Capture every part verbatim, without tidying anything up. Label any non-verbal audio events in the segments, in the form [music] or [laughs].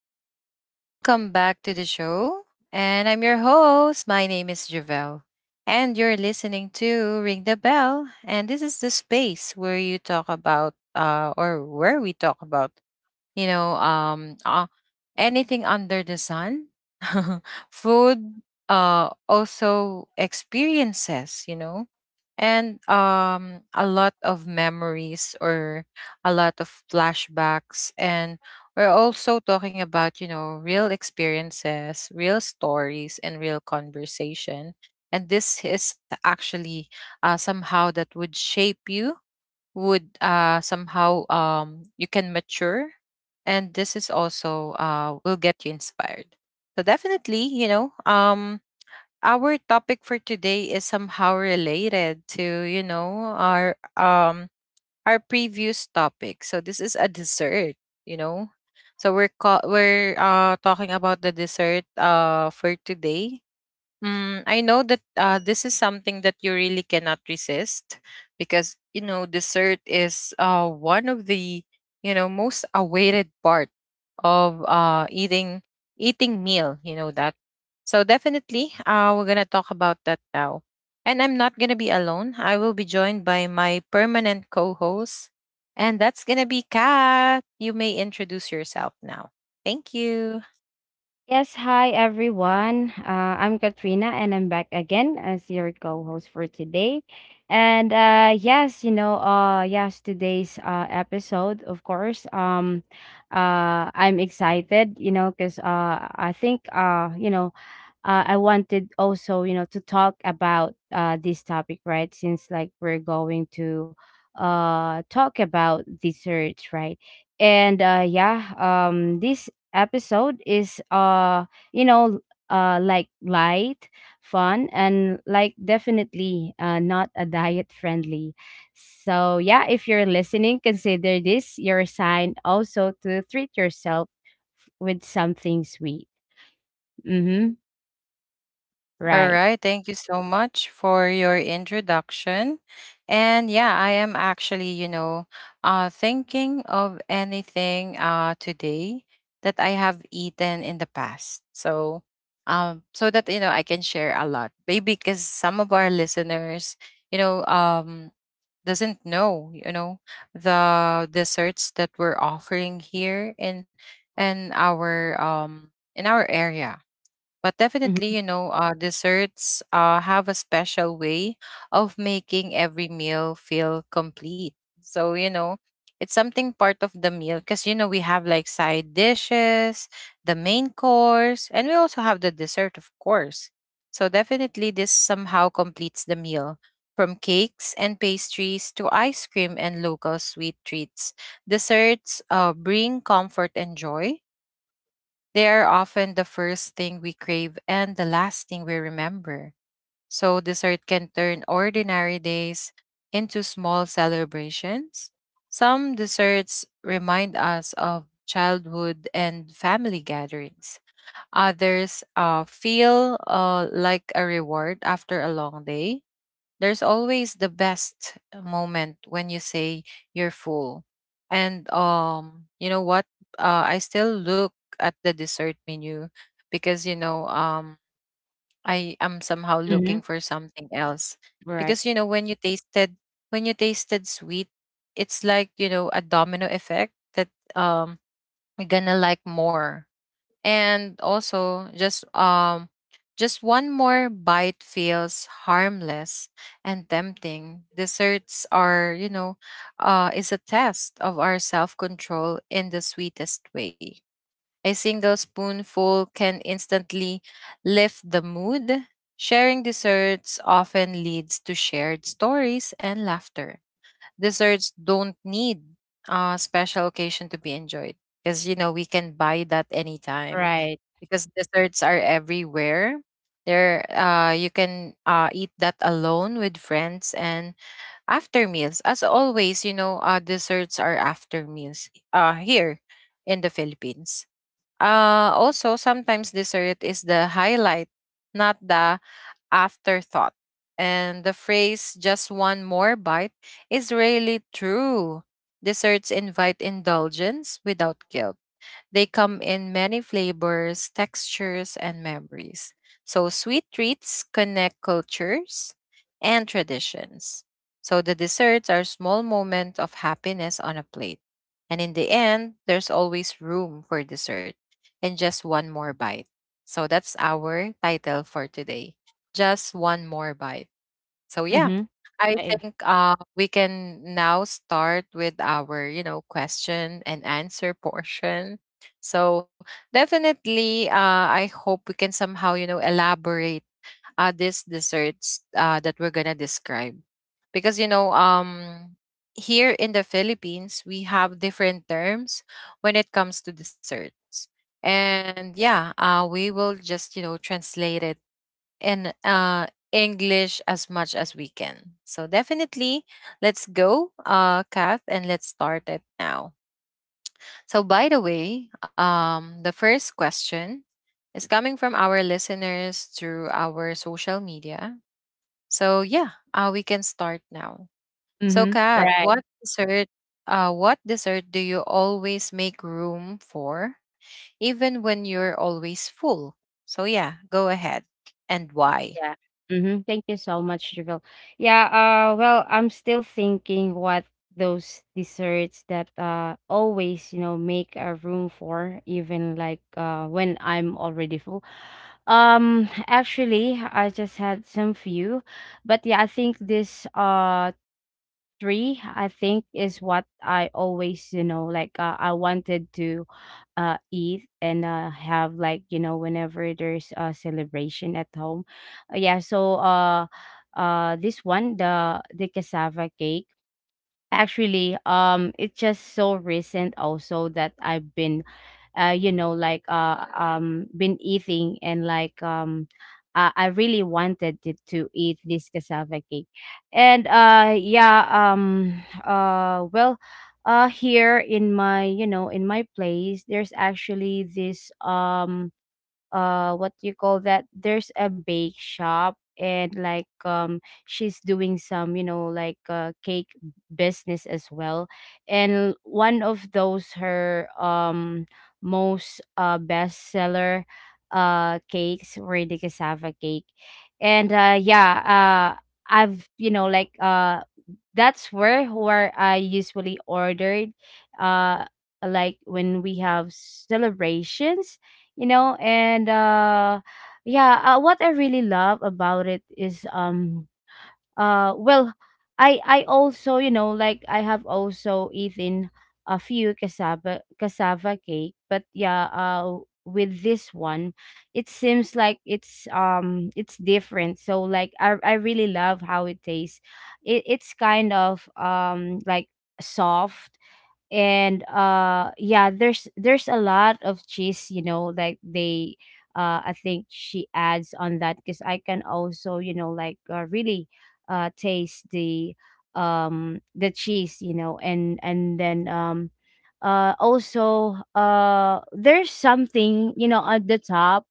everyone. Welcome back to the show. And I'm your host. My name is Javelle. And you're listening to Ring the Bell. And this is the space where you talk about, uh, or where we talk about you know um uh, anything under the sun. [laughs] Food, uh also experiences, you know and um a lot of memories, or a lot of flashbacks. And we're also talking about, you know, real experiences, real stories, and real conversation. And this is actually, uh, somehow that would shape you, would, uh, somehow um, you can mature. And this is also, uh, will get you inspired. So definitely, you know um, our topic for today is somehow related to, you know our, um, our previous topic. So this is a dessert, you know. So we're ca- we're uh, talking about the dessert uh, for today. Mm, I know that, uh, this is something that you really cannot resist, because, you know, dessert is, uh, one of the, you know, most awaited part of, uh, eating eating meal. You know that. So definitely, uh, we're gonna talk about that now. And I'm not gonna be alone. I will be joined by my permanent co-host, and that's gonna be Kat. You may introduce yourself now. Thank you. Yes, hi everyone. Uh, I'm Katrina and I'm back again as your co-host for today. And uh yes, you know, uh yes, today's uh episode, of course. Um uh I'm excited, you know, cuz uh I think uh you know uh, I wanted also, you know, to talk about uh, this topic, right? Since like we're going to uh, talk about desserts, right? And uh, Yeah, um, this episode is, uh, you know, uh, like light, fun, and like definitely uh, not a diet friendly. So yeah, if you're listening, consider this your sign also to treat yourself with something sweet. Mm-hmm. All Right. right. Thank you so much for your introduction. And yeah, I am actually, you know, uh, thinking of anything uh, today that I have eaten in the past. So, um, so that, you know, I can share a lot. Maybe because some of our listeners, you know, um, doesn't know, you know, the desserts that we're offering here in, in our um in our area. But Mm-hmm. definitely, you know, uh, desserts uh, have a special way of making every meal feel complete. So, you know, it's something part of the meal, because, you know, we have like side dishes, the main course, and we also have the dessert, of course. So, definitely, this somehow completes the meal. From cakes and pastries to ice cream and local sweet treats, desserts uh, bring comfort and joy. They are often the first thing we crave and the last thing we remember. So, dessert can turn ordinary days into small celebrations. Some desserts remind us of childhood and family gatherings. Others uh, feel uh, like a reward after a long day. There's always the best moment when you say you're full. And um, you know what? Uh, I still look at the dessert menu, because, you know um, I am somehow looking Mhm. for something else. Right. Because, you know, when you tasted, when you tasted sweet, it's like, you know, a domino effect, that, um, you're gonna like more. And also, just um just one more bite feels harmless and tempting. Desserts are, you know, uh, is a test of our self-control in the sweetest way. A single spoonful can instantly lift the mood. Sharing desserts often leads to shared stories and laughter. Desserts don't need a special occasion to be enjoyed, because, you know, we can buy that anytime, Right. because desserts are everywhere. There, uh, you can uh, eat that alone, with friends, and after meals. As always, you know, uh, desserts are after meals uh, here in the Philippines. Uh, also, sometimes dessert is the highlight, not the afterthought. And the phrase "just one more bite" is really true. Desserts invite indulgence without guilt. They come in many flavors, textures, and memories. So, sweet treats connect cultures and traditions. So, the desserts are small moments of happiness on a plate. And in the end, there's always room for dessert and just one more bite. So, that's our title for today. Just one more bite. So yeah, Mhm. I Right. think uh, we can now start with our, you know, question and answer portion. So definitely, uh, I hope we can somehow, you know, elaborate uh, these desserts uh, that we're gonna describe, because, you know, um, here in the Philippines, we have different terms when it comes to desserts. And yeah, uh, we will just, you know, translate it in, uh, English as much as we can. So definitely, let's go, uh, Kath, and let's start it now. So by the way, um, the first question is coming from our listeners through our social media. So yeah, uh, we can start now. So Mhm. Kat, Right. what dessert? Uh, what dessert do you always make room for, even when you're always full? So yeah, go ahead. And why? Yeah. Mhm. Thank you so much, Javel. Yeah, uh well, I'm still thinking what those desserts that uh always, you know, make a room for, even like uh when I'm already full. Um [sighs] actually, I just had some few, but yeah, I think this uh three, i think is what i always, you know like uh, i wanted to uh eat and uh have, like, you know whenever there's a celebration at home. Uh, yeah, so, uh uh this one, the the cassava cake. Actually, um, it's just so recent also that I've been, uh, you know, like uh, um, been eating, and like, um, I, I really wanted to, to eat this cassava cake, and, uh, yeah, um, uh, well, uh, here in my, you know, in my place, there's actually this um uh what do you call that there's a bake shop, and like, um she's doing some, you know like uh cake business as well, and one of those her, um most uh bestseller uh cakes, were the cassava cake. And uh yeah uh I've, you know like uh that's where where I usually ordered, uh like when we have celebrations, you know and, uh yeah uh, what I really love about it is, um uh well i i also, you know like i have also eaten a few cassava cassava cake, but yeah uh with this one it seems like it's um it's different. So like i i really love how it tastes. It, it's kind of, um like, soft, and uh yeah, there's there's a lot of cheese. you know like they uh I think she adds on that, because i can also, you know like uh, really uh taste the um the cheese, you know and and then, um uh also, uh there's something, you know at the top.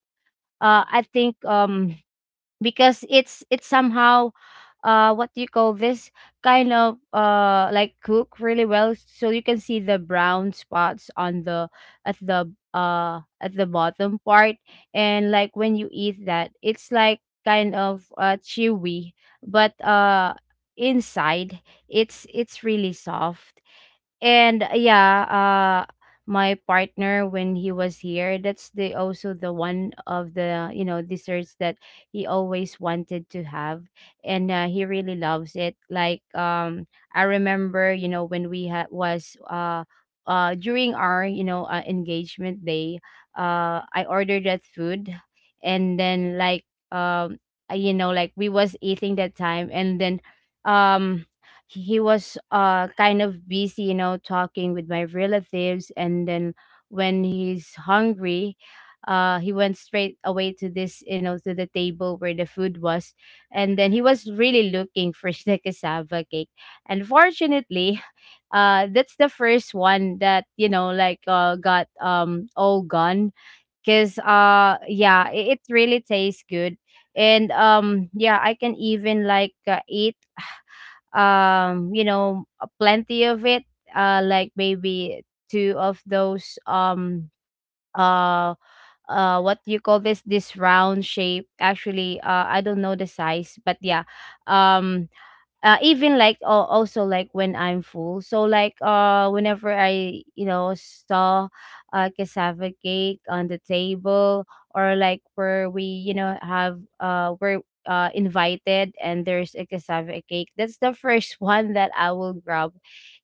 uh I think, um because it's it's somehow, uh what do you call this kind of, uh like, cook really well, so you can see the brown spots on the, at the uh at the bottom part. And like when you eat that, it's like kind of uh chewy, but uh inside it's it's really soft. And uh, yeah uh my partner, when he was here, that's the also the one of the, you know desserts that he always wanted to have. And uh, he really loves it. like um I remember, you know when we, had was uh uh during our, you know uh, engagement day, uh I ordered that food, and then, like um uh, you know like we was eating that time. And then, um he was uh kind of busy, you know talking with my relatives. And then, when he's hungry, uh he went straight away to, this you know to the table where the food was. And then he was really looking for [laughs] the cassava cake. Unfortunately, [laughs] uh that's the first one that, you know like uh got, um all gone, because uh yeah, it, it really tastes good. And um yeah, I can even, like, uh, eat, um you know uh, plenty of it, uh like maybe two of those, um uh uh what do you call this this round shape. Actually, uh I don't know the size, but yeah. um uh, Even like, uh, also like when I'm full. So, like, uh whenever I, you know saw a cassava cake on the table, or like where we, you know have uh we're uh invited and there's a cassava cake, that's the first [laughs] one that I will grab.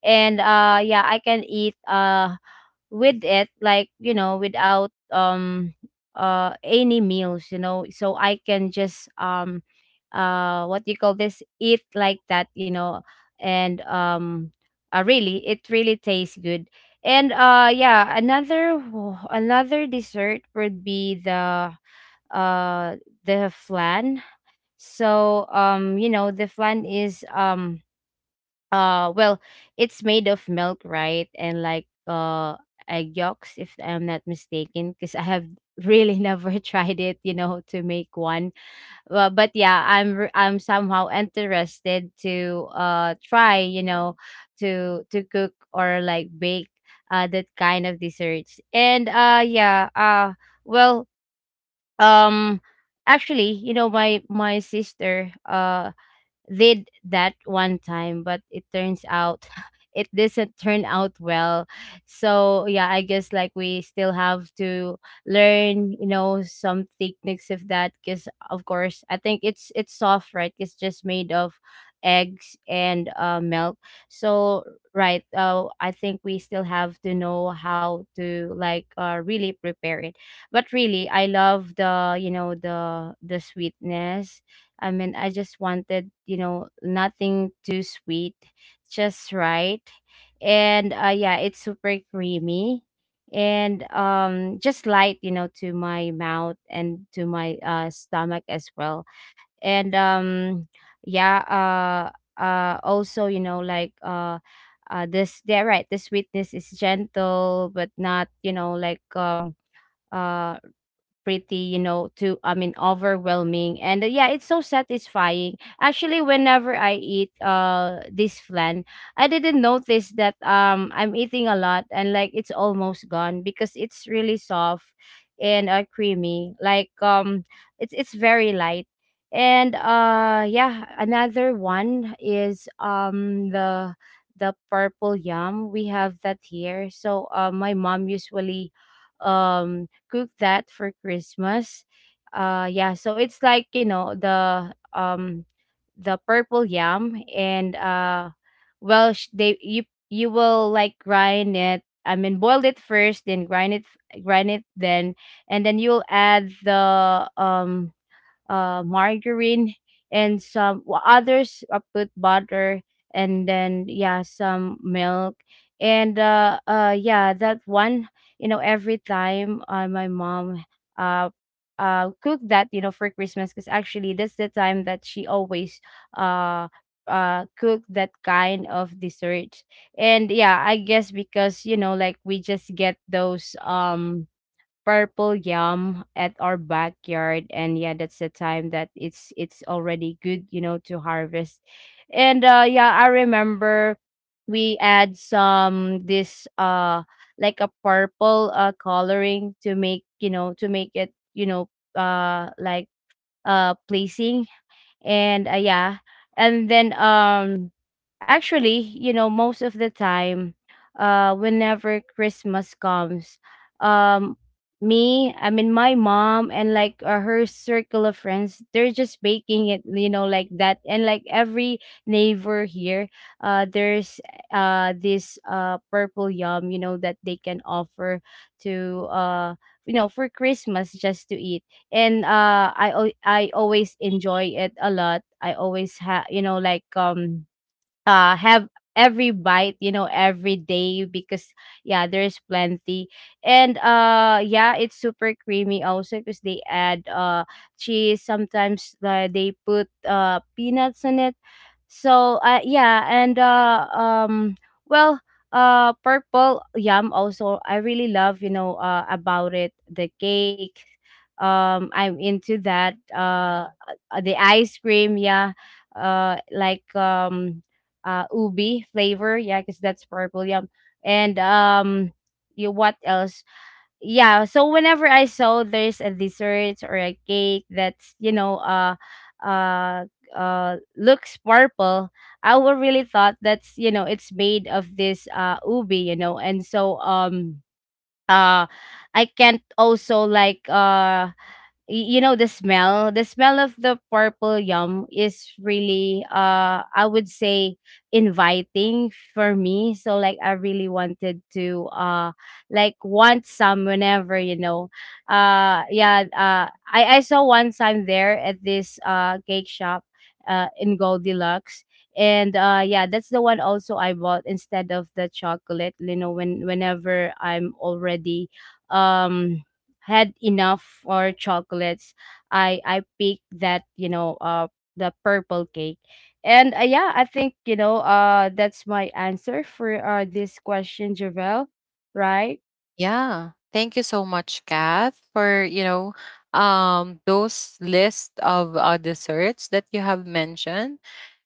And uh yeah, I can eat, uh with it, like, you know without, um uh any meals. You know so i can just, um uh what do you call this eat like that, you know and, um uh, really it really tastes good. And uh yeah, another [sighs] another dessert would be the uh the flan. So, um you know the flan is, um uh well it's made of milk, right? And like uh egg yolks, if I'm not mistaken, because I have really [laughs] never tried it, you know to make one. Well, but yeah, i'm re- i'm somehow interested to uh try, you know to to cook or, like, bake uh that kind of desserts. And uh yeah uh well um Actually, you know my my sister, uh did that one time, but it turns out [laughs] it doesn't turn out well. So yeah, I guess like we still have to learn, you know, some techniques of that, because of course I think it's it's soft, right? It's just made of eggs and, uh, milk. So right, uh, I think we still have to know how to, like, uh, really prepare it. But really, I love the you know the the sweetness. I mean, I just wanted, you know, nothing too sweet, just right. And uh, Yeah, it's super creamy, and, um just light, you know to my mouth and to my, uh stomach as well. And um yeah uh uh also, you know like uh uh this they're right, the sweetness is gentle, but not, you know like um uh pretty, you know, to, I mean, overwhelming. And uh, Yeah, it's so satisfying. Actually, whenever I eat, uh this flan, I didn't notice that, um I'm eating a lot, and like it's almost gone because it's really soft and, uh, creamy. Like, um it's it's very light. And uh yeah, another one is, um the the purple yam. We have that here. So, uh, my mom usually, um cook that for Christmas. Uh yeah, so it's like, you know, the um the purple yam, and, uh well sh- they you you will, like, grind it. I mean, boil it first, then grind it grind it then, and then you'll add the, um uh, margarine, and some, wh- others, uh, put butter, and then, yeah, some milk, and uh, uh, yeah. That one, you know, every time, uh, my mom, uh uh cook that, you know for Christmas, because actually that's the time that she always, uh uh cook that kind of dessert. And yeah, I guess because, you know like we just get those, um purple yam at our backyard. And yeah, that's the time that it's it's already good, you know to harvest. And uh yeah, I remember we add some, this uh like, a purple, uh coloring, to make, you know to make it, you know uh like uh placing, and uh, yeah. And then, um actually, you know most of the time, uh whenever Christmas comes, um me I mean my mom, and, like, uh, her circle of friends, they're just baking it, you know like that. And, like, every neighbor here, uh there's, uh this, uh purple yum, you know that they can offer to, uh you know for Christmas, just to eat. And uh I al- I always enjoy it a lot. I always have, you know like um uh have every bite, you know every day, because yeah, there's plenty. And uh yeah, it's super creamy also because they add, uh cheese. Sometimes, uh, they put, uh peanuts in it. So uh, yeah. and uh um well uh Purple yam also, I really love, you know uh about it. The cake, um I'm into that, uh uh, the ice cream, yeah. uh like um uh Ubi flavor, yeah, because that's purple yam. And um you what else? Yeah, so whenever I saw there's a dessert or a cake that's, you know uh uh uh looks purple, I will really thought that's, you know it's made of this, uh ubi, you know and so um uh I can't also, like, uh y- you know the smell the smell of the purple yum is really, uh I would say, inviting for me. So, like, I really wanted to, uh like, want some whenever, you know uh yeah uh i i saw one time, there at this, uh cake shop, uh in Gold Deluxe. And uh yeah, that's the one also I bought instead of the chocolate, you know when whenever I'm already, um had enough for chocolates. I i picked that, you know uh the purple cake. And uh, yeah, I think, you know uh that's my answer for, uh this question, Javel. Right. Yeah. Thank you so much, Kath, for, you know, um those list of uh, desserts that you have mentioned.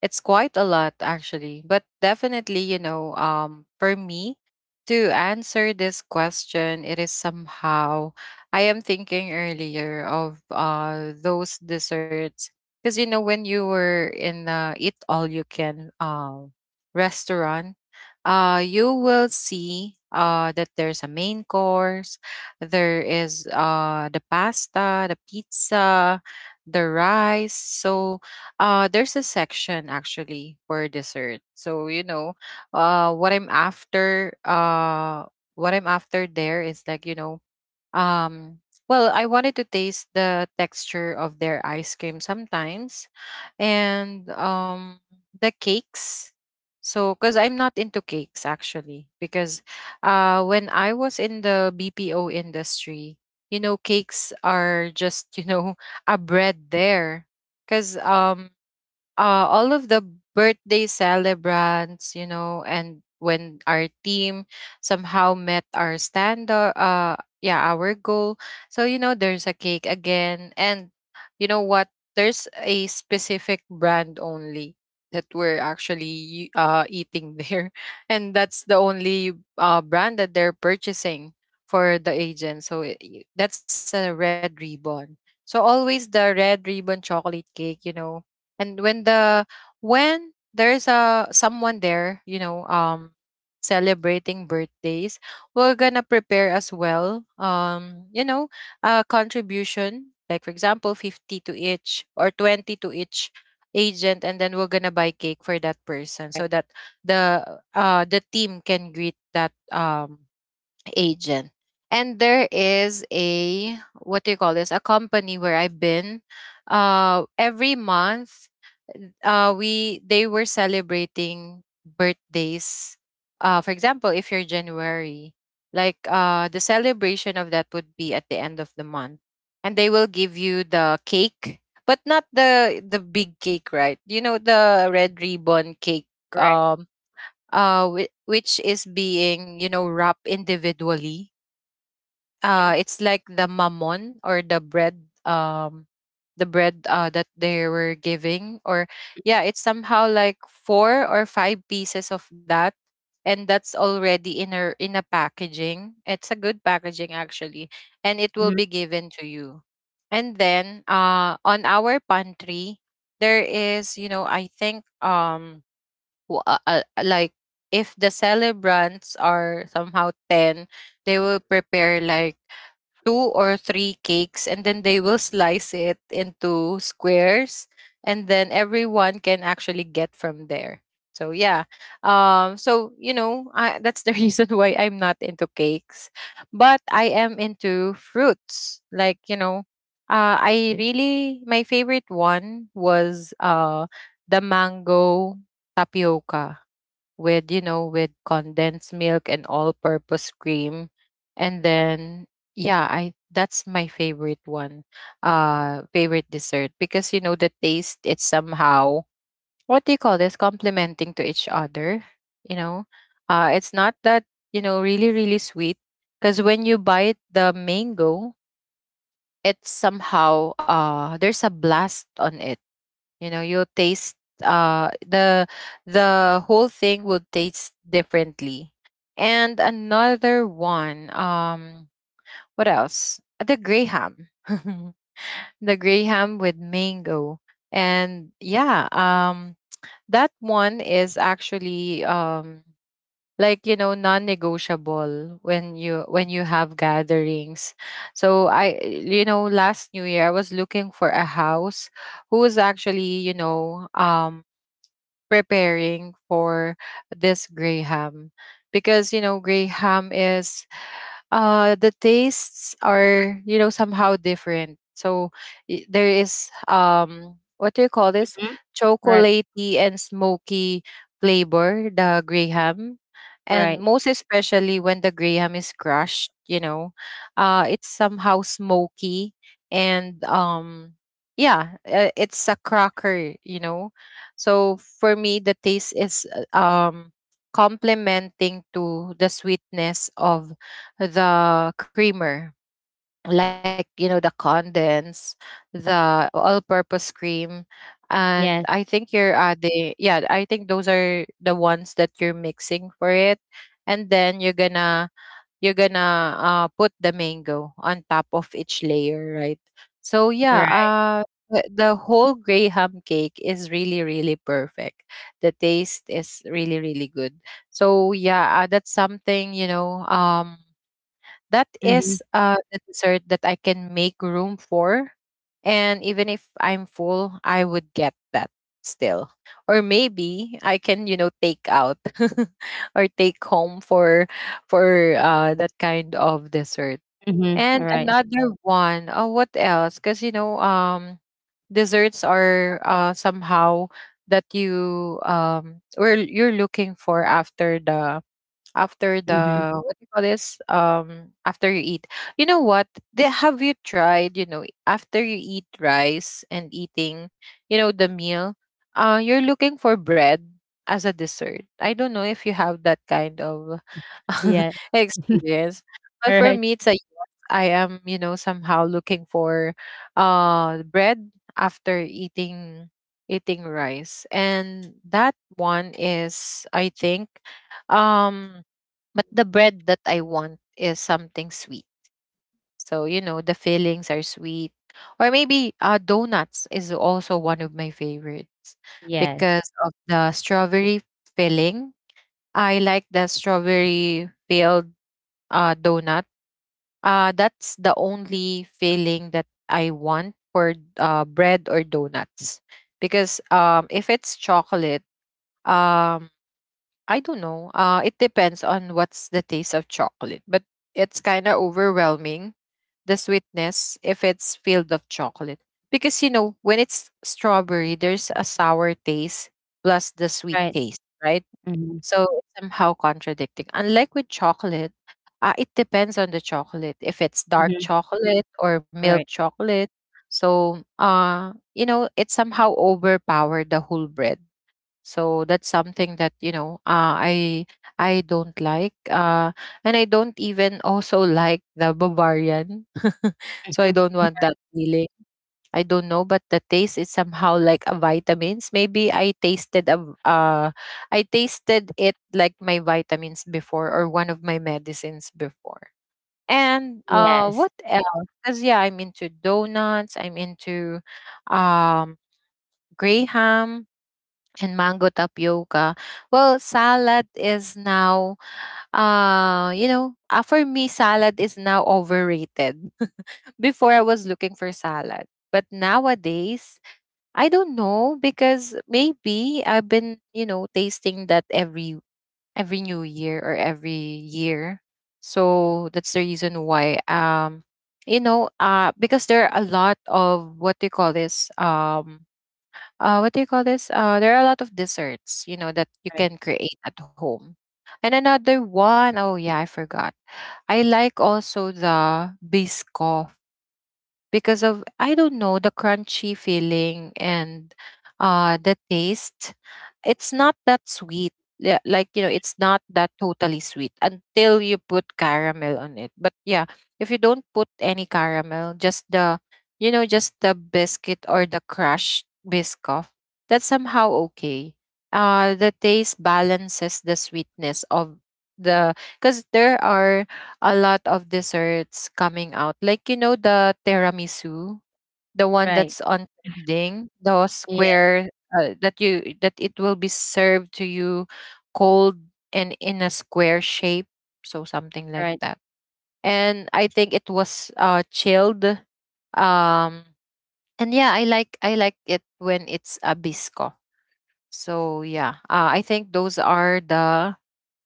It's quite a lot actually, but definitely, you know, um, for me to answer this question, it is somehow, I am thinking earlier of uh those desserts, because, you know, when you were in, uh, eat all you can, uh, restaurant, uh, you will see uh, that there's a main course, there is, uh, the pasta, the pizza, the rice. So uh, there's a section actually for dessert. So you know, uh, what I'm after, uh, what I'm after there is, like, you know, um, well, I wanted to taste the texture of their ice cream sometimes, and um, the cakes. So, because I'm not into cakes actually, because uh, when I was in the B P O industry, you know, cakes are just, you know, [laughs] a bread there. Because um, uh, all of the birthday celebrants, you know, and when our team somehow met our standard, uh, yeah, our goal. So, you know, there's a cake again. And you know what? There's a specific brand only that we're actually uh, eating there. [laughs] And that's the only uh, brand that they're purchasing for the agent. So, i- that's a red ribbon. So, always the red ribbon chocolate cake, you know. And when the when there's a someone there, you know, um, celebrating birthdays, we're gonna prepare as well, um, you know, a contribution, like for example, fifty to each or twenty to each agent, and then we're gonna buy cake for that person, Right. so that the uh the team can greet that um agent. And there is a, what do you call this? A company where I've been. Uh, every month, uh, we they were celebrating birthdays. Uh, for example, if you're January, like, uh, the celebration of that would be at the end of the month, and they will give you the cake, but not the the big cake, right? You know, the red ribbon cake, Right. um uh, whi- which is being, you know, wrapped individually. Uh, it's like the mammon or the bread, um, the bread uh, that they were giving, or yeah, it's somehow like four or five pieces of that, and that's already in, a in a packaging. It's a good packaging actually, and it will Mm-hmm. be given to you. And then uh, on our pantry, there is, you know, I think, um w- uh, uh, like if the celebrants are somehow ten, they will prepare like two or three cakes, and then they will slice it into squares, and then everyone can actually get from there. So yeah, um, so you know, I, that's the [laughs] reason why I'm not into cakes. But I am into fruits, like, you know, uh I really my favorite one was uh the mango tapioca with, you know, with condensed milk and all-purpose cream. And then yeah, I that's my favorite one, uh, favorite dessert, because, you know, the taste, it's somehow, what do you call this, complementing to each other, you know. Uh, it's not that, you know, really really sweet, because when you bite the mango, it's somehow, uh there's a blast on it. You know, you'll taste uh the the whole thing will taste differently. And another one, um, what else, the gray ham [laughs] the gray ham with mango. And yeah, um, that one is actually, um, like, you know, non-negotiable when you, when you have gatherings. So I, you know, last new year, I was looking for a house who was actually, you know, um, preparing for this graham, because, you know, graham is, uh the tastes are, you know, somehow different. So, i- there is, um, what do you call this, Mm-hmm. Right. chocolatey and smoky flavor, the graham. And Right. most especially when the graham is crushed, you know, uh it's somehow smoky. And um, yeah, uh, it's a cracker, you know. So for me, the taste is, uh, um complementing to the sweetness of the creamer, like, you know, the condense, the all-purpose cream, and Yes. I think you're adding. Yeah, I think those are the ones that you're mixing for it, and then you're gonna you're gonna, uh, put the mango on top of each layer, right? So yeah, Right. uh, the the whole graham cake is really really perfect. The taste is really really good. So yeah, uh, that's something, you know. Um, that Mm-hmm. is, uh, the dessert that I can make room for. And even if I'm full, I would get that still. Or maybe I can, you know, take out [laughs] or take home for for uh, that kind of dessert. Mm-hmm. And Right. another one, oh, what else? Because, you know, um, desserts are uh, somehow that you um or you're looking for after the after Mm-hmm. the what do you call this, um after you eat. You know what, they have, you tried, you know after you eat rice and eating, you know the meal, uh you're looking for bread as a dessert. I don't know if you have that kind of [laughs] Yeah. experience. [laughs] But for Right. me it's like, I am, you know somehow looking for uh bread after eating eating rice, and that one is, I think, um But the bread that I want is something sweet. So, you know, the fillings are sweet. Or maybe uh, donuts is also one of my favorites Yes. because of the strawberry filling. I like the strawberry filled uh, donut. Uh, that's the only filling that I want for uh, bread or donuts. Because um, if it's chocolate, um, I don't know. Uh, it depends on what's the taste of chocolate, but it's kind of overwhelming, the sweetness, if it's filled of chocolate. Because, you know, when it's strawberry, there's a sour taste plus the sweet Right. taste, right? Mm-hmm. So it's somehow contradicting. Unlike with chocolate, uh, it depends on the chocolate, if it's dark Mm-hmm. chocolate or milk Right. chocolate. So, uh, you know, it somehow overpowered the whole bread, so that's something that, you know uh, I I don't like, uh, and I don't even also [laughs] like the Bavarian. [laughs] So I Mm-hmm. don't want that feeling. I don't know, but the taste is somehow like a vitamins. Maybe I tasted a v- uh, I tasted it like my vitamins before or one of my medicines before. And uh, Yes. what else? Because yeah, I'm into donuts. I'm into um, gray ham and mango tapioca. Well, salad is now, uh, you know, uh, for me, salad is now overrated. [laughs] Before I was looking for salad. But nowadays, I don't know because maybe I've been, you know, tasting that every every new year or every year. So that's the reason why um you know, uh because there are a lot of what do you call this? Um uh, what do you call this? Uh, there are a lot of desserts, you know, that you Right. can create at home. And another one, oh yeah, I forgot. I like also the biscoff because of, I don't know, the crunchy feeling and uh the taste. It's not that sweet. Yeah, like you know, it's not that totally sweet until you put caramel on it. But yeah, if you don't put any caramel, just the you know, just the biscuit or the crushed biscoff, that's somehow okay. Uh the taste balances the sweetness of the, because there are a lot of desserts coming out. Like, you know the tiramisu, the one Right. that's on trending, the Yeah. square, uh, that you that it will be served to you cold and in a square shape, so something like Right. that. And I think it was uh chilled. Um and yeah, I like I like it when it's a bisco. So yeah, uh, I think those are the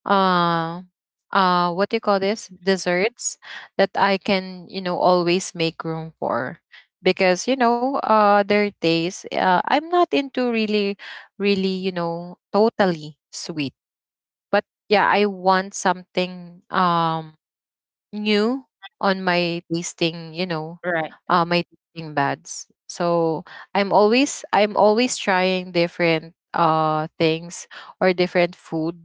uh uh what do you call this desserts that I can, you know always make room for, because you know uh their taste, uh, I'm not into really really you know totally sweet, but yeah, I want something, um new, on my tasting, you know Right. uh my tasting buds. So i'm always i'm always trying different uh things, or different food,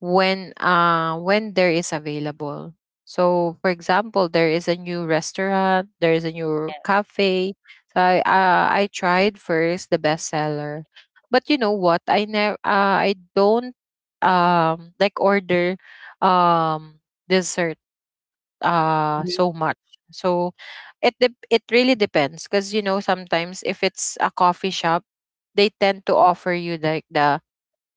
when, uh when there is available. So for example, there is a new restaurant, there is a new Yes. cafe. So I uh, I tried first the bestseller. But you know what? I never, uh, I don't um like order um dessert uh Mm-hmm. so much. So it dep- it really depends, because, you know sometimes if it's a coffee shop, they tend to offer you like the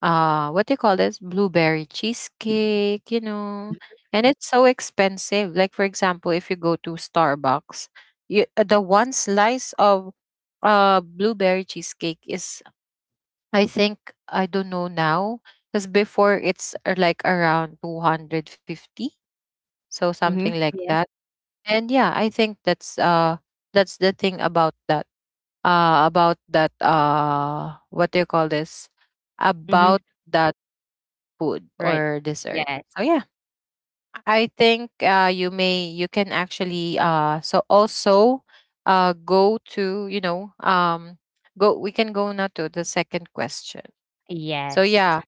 uh what do you call this, blueberry cheesecake, you know and it's so expensive. Like, for example, if you go to Starbucks, you uh, the one slice of uh blueberry cheesecake is, I think, I don't know now, because before it's, uh, like around two hundred fifty, so Mm-hmm. something like Yes. that. And yeah, I think that's uh that's the thing about that, uh about that uh what do you call this, Mm-hmm. about food Right. or dessert. Yes. Oh yeah, I think uh, you may you can actually uh, so also uh, go to you know um, go we can go now to the second question. So yeah, Yes.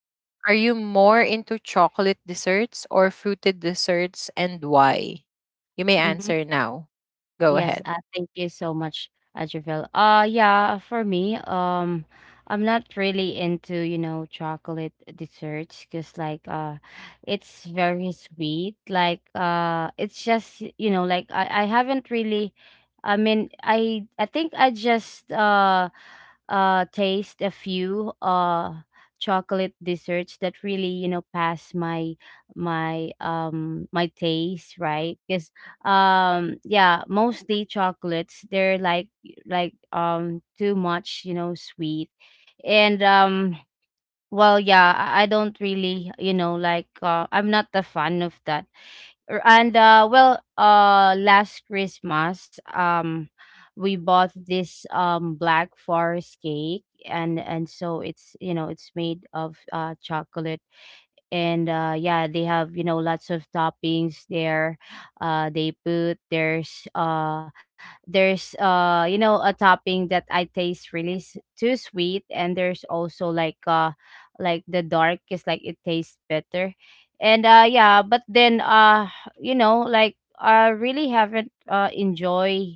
are you more into chocolate desserts or fruited desserts and why? You may Hmm. answer now. Go Yes, ahead. uh, thank you so much, uh, Javel. Uh, yeah, for me, um, I'm not really into, you know, chocolate desserts because, like, uh, it's very sweet. Like, uh, it's just, you know, like I, I haven't really, I mean, I, I think I just, uh, uh, taste a few, uh, chocolate desserts that really, you know, pass my, my, um, my taste, right? Because um yeah, mostly chocolates, they're like like um too much, you know, sweet, and um well, yeah, i I don't really, you know, like, uh, I'm not a fan of that. Er, and uh well, uh last Christmas, um we bought this, um black forest cake, and and so it's you know it's made of uh chocolate, and uh yeah, they have, you know, lots of toppings there. Uh they put there's uh there's uh you know, a topping that I taste really s- too sweet, and there's also, like, uh like the dark is, like, it tastes better. And uh yeah, but then, uh you know, like, I really haven't, uh enjoy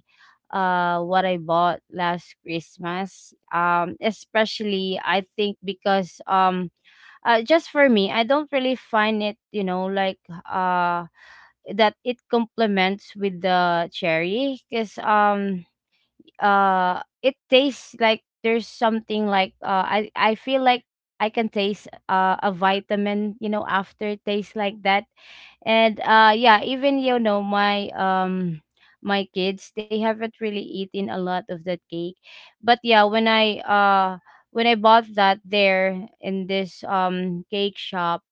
uh what I bought last Christmas, um especially, I think, because um uh, just for me, I don't really find it, you know, like, uh that it complements with the cherry, because um uh it tastes like there's something like, uh I I feel like I can taste, uh, a vitamin, you know, after taste like that. And uh yeah, even, you know, my um my kids, they haven't really eaten a lot of that cake. But yeah, when I uh when I bought that there in this, um cake shop,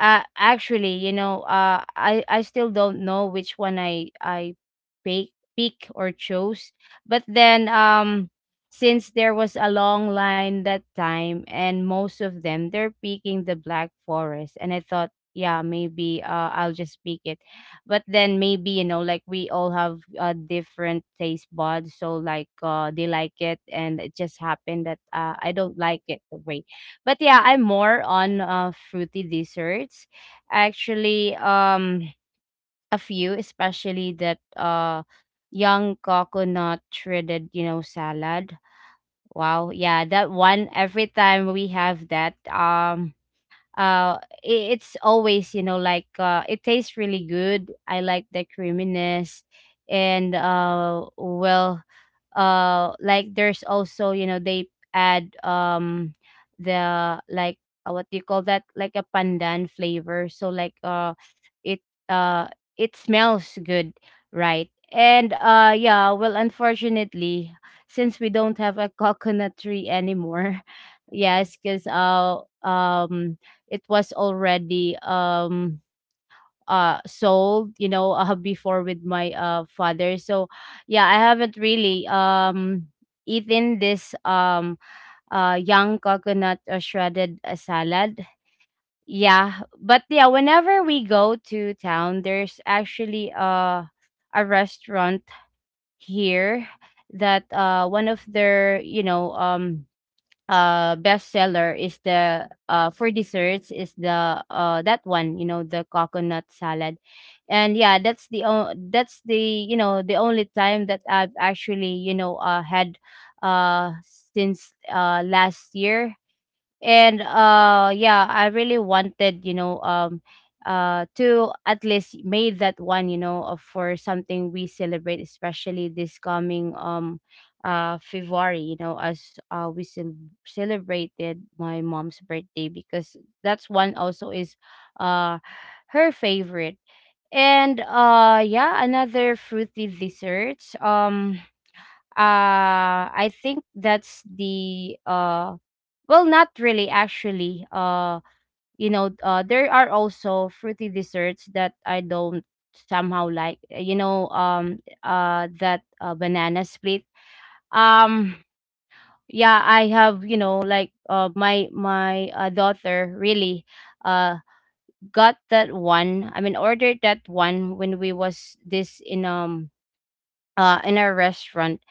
uh, actually, you know, uh, I I still don't know which one I I pick pick or chose. But then, um, since there was a long line that time, and most of them, they're picking the Black Forest, and I thought, yeah, maybe, uh, I'll just pick it. But then, maybe, you know, like, we all have, uh, different taste buds, so, like, uh, they like it, and it just happened that, uh, I don't like it the way. But yeah, I'm more on, uh, fruity desserts. Actually, um, a few, especially that, uh, young coconut shredded, you know, salad. Wow, yeah, that one. Every time we have that, um, uh, i- it's always, you know, like, uh, it tastes really good. I like the creaminess, and, uh, well, uh like, there's also, you know they add, um the, like uh, what do you call that, like a pandan flavor, so, like, uh it uh it smells good, right. And uh yeah, well, unfortunately, since we don't have a [laughs] coconut tree anymore. [laughs] Yes, because, uh um it was already, um uh sold, you know uh, before, with my, uh father. So yeah, I haven't really, um eaten this, um uh young coconut, uh, shredded, uh, salad. Yeah, but yeah, whenever we go to town, there's actually, uh a restaurant here that, uh one of their, you know, um uh bestseller is the, uh for desserts is the, uh that one, you know, the coconut salad. And yeah, that's the o- that's the you know, the only time that I've actually, you know, uh had, uh since, uh last year. And uh yeah, I really wanted, you know, um uh to at least made that one, you know, uh, for something we celebrate, especially this coming, um uh February, you know, as, uh we cel- celebrated my mom's birthday, because that's one also is, uh her favorite. And uh yeah, another fruity desserts, um uh I think that's the, uh well, not really actually. Uh, you know, uh, there are also fruity desserts that I don't somehow like. Uh, You know, um, uh, that, uh, banana split. Um, yeah, I have. You know, like, uh, my my uh, daughter really, uh got that one. I mean, ordered that one when we was this in, um uh in a restaurant,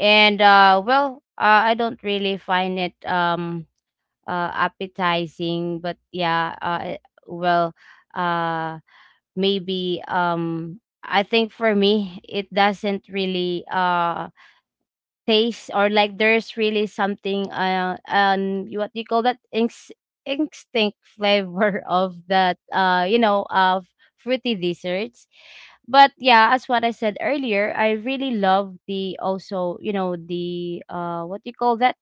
and, uh, well, uh, I don't really find it, um uh, appetizing, but yeah, uh, eh, well, uh maybe, um I think for me, it doesn't really, uh taste, or like there's really something, uh um you- what do you call that, Inks, instinct flavor [laughs] of that, uh you know of fruity desserts. But yeah, as what I said earlier, I really love the also, you know, the, uh what do you call that,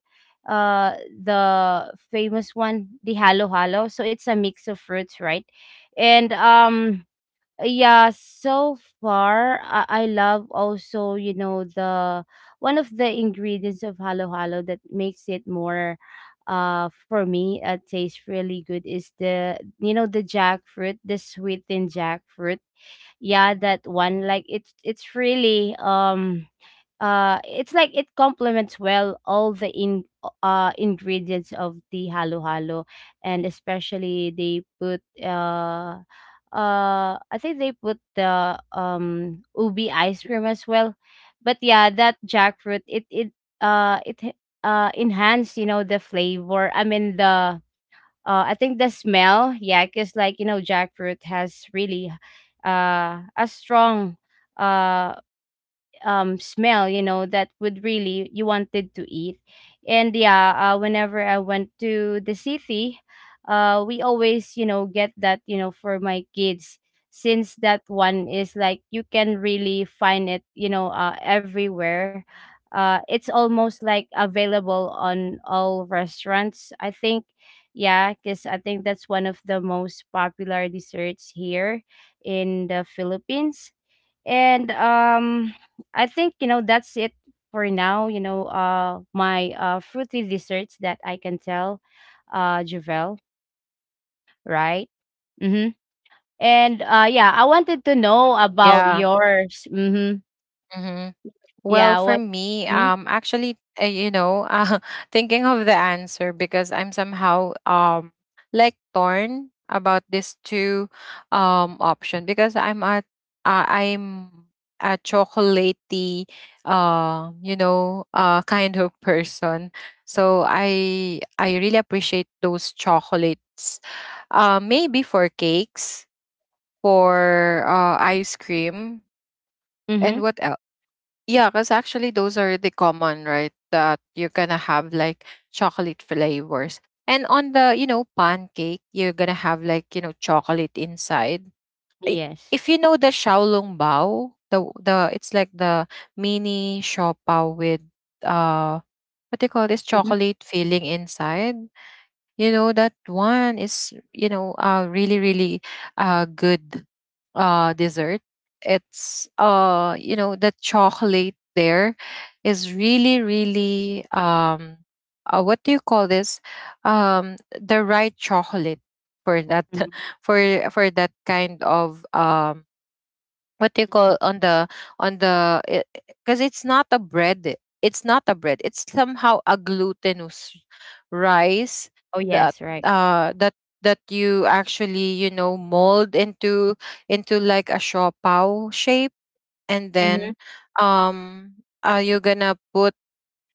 uh the famous one, the halo halo. So it's a mix of fruits, right. And um yeah, so far, I, I love also, you know, the one of the ingredients of halo halo that makes it more, uh for me, uh, tastes really good, is the, you know, the jackfruit, the sweetened jackfruit. Yeah, that one, like, it's it's really, um uh it's like it complements well all the, in uh ingredients of the halo halo. And especially they put, uh uh I think they put the, um ubi ice cream as well. But yeah, that jackfruit, it it uh it, h- uh enhance, you know, the flavor. I mean the, uh I think the smell, yeah, cuz like, you know, jackfruit has really, uh a strong, uh um smell, you know that would really, you wanted to eat. And yeah, uh, whenever I went to the city, uh we always, you know get that, you know for my kids, since that one is, like, you can really find it, you know, uh, everywhere. uh it's almost like available on all restaurants, I think. Yeah, because I think that's one of the most popular desserts here in the Philippines. And um I think, you know, that's it for now, you know, uh my, uh fruity desserts that I can tell, uh Javel. Right. Mm-hmm. And uh yeah, I wanted to know about Yeah. yours. Mm-hmm. Hmm. Well, Yeah, for what? me. Mm-hmm. Um actually, uh, you know [laughs] uh, thinking of the answer because I'm somehow, um like, torn about these two, um option, because i'm at uh, i'm a chocolatey, uh you know uh kind of [laughs] person, so i i really appreciate those chocolates, uh maybe for cakes, for uh ice cream. And Mm-hmm. what else? Yeah, because actually those are the common, right? That you're gonna have like chocolate flavors. And on the, you know, pancake, you're gonna have, like, you know, chocolate inside. I- Yes. if you know the Shaolong Bao, the the it's like the mini shopao with uh what do you call this, Mm-hmm. chocolate filling inside. You know that one is, you know uh really really uh good uh dessert. It's, uh you know the chocolate there is really really um uh, what do you call this, um the right chocolate for that [laughs] Mm-hmm. for for that kind of, um what do you call, Mm-hmm. on the, on the because it's not a bread, it's not a bread, it's somehow a glutinous rice, Oh. that Yes. Right. uh that you actually, you know mold into into like a shaw pao shape, and Mm-hmm. then, um uh, you're gonna put,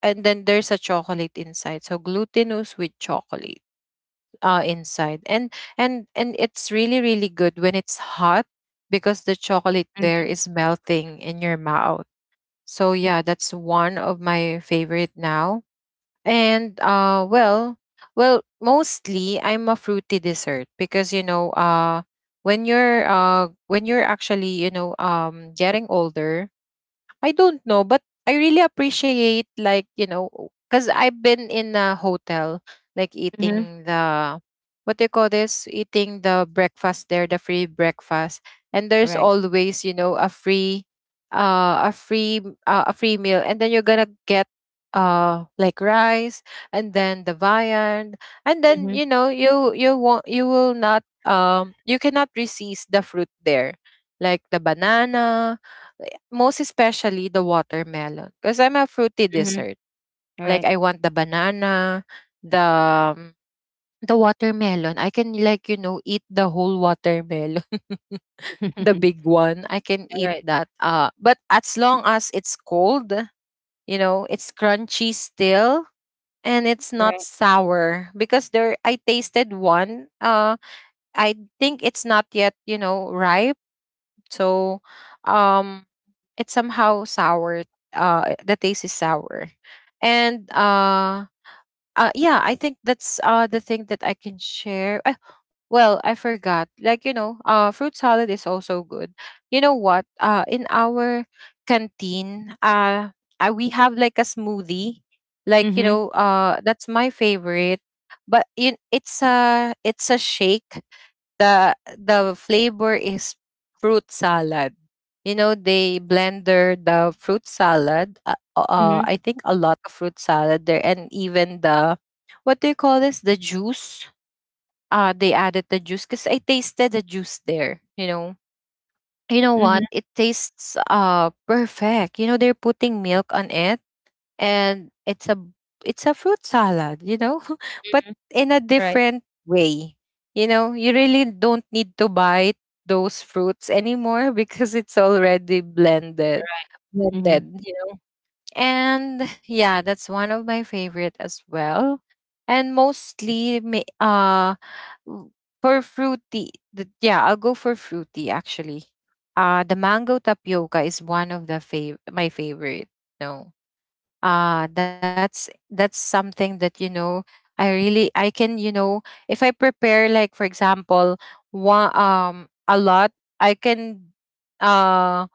and then there's a chocolate inside, so glutinous with chocolate uh, inside, and and and it's really really good when it's hot, because the chocolate there Mm-hmm. is melting in your mouth. So yeah, that's one of my favorite now. And uh well, well mostly I'm a fruity dessert because you know uh when you're, uh when you're actually, you know um getting older, I don't know, but I really appreciate, like, you know, cuz I've been in a hotel, like Mm-hmm. eating the, what do you call this, eating the breakfast there, the free breakfast. And there's Right. always, you know, a free uh a free uh, a free meal, and then you're going to get uh like rice, and then the viand, and then Mm-hmm. you know you you won't, you will not, um you cannot resist the fruit there, like the banana, most especially the watermelon, because 'cause I'm a fruity Mm-hmm. dessert. Like, Right. I want the banana, the um, the watermelon. I can, like, you know, eat the whole watermelon, [laughs] the [laughs] big one. I can eat Right. that. Uh, but as long as it's cold, you know, it's crunchy still, and it's not Right. sour because there I tasted one. Uh, I think it's not yet, you know, ripe. So, um it's somehow sour, uh the taste is sour. And uh uh yeah, I think that's uh the thing that I can share. Uh, well I forgot, like, you know uh fruit salad is also good. You know what, uh in our canteen, uh, uh we have like a smoothie, like, you Mm-hmm. know uh that's my favorite. But in, it's a it's a shake. The the flavor is fruit salad. You know, they blender the fruit salad. Uh, uh, Mm-hmm. I think a lot of fruit salad there, and even the, what do you call this, the juice. Uh, they added the juice because I tasted the juice there. You know, you know what? Mm-hmm. It tastes uh perfect. You know, they're putting milk on it, and it's a it's a fruit salad, you know, [laughs] but in a Right. different way. You know, you really don't need to buy those fruits anymore, [laughs] because it's already blended. Right. Mm-hmm. Blended, you know. And yeah, that's one of my favorite as well. And mostly ma- uh w- for fruity, the, yeah, I'll go for fruity actually. Uh the mango tapioca is one of the fav- my favorite. No. Ah, that's that's something that, you know i really i can, you know if I prepare, like, for example, one um a lot, I can, um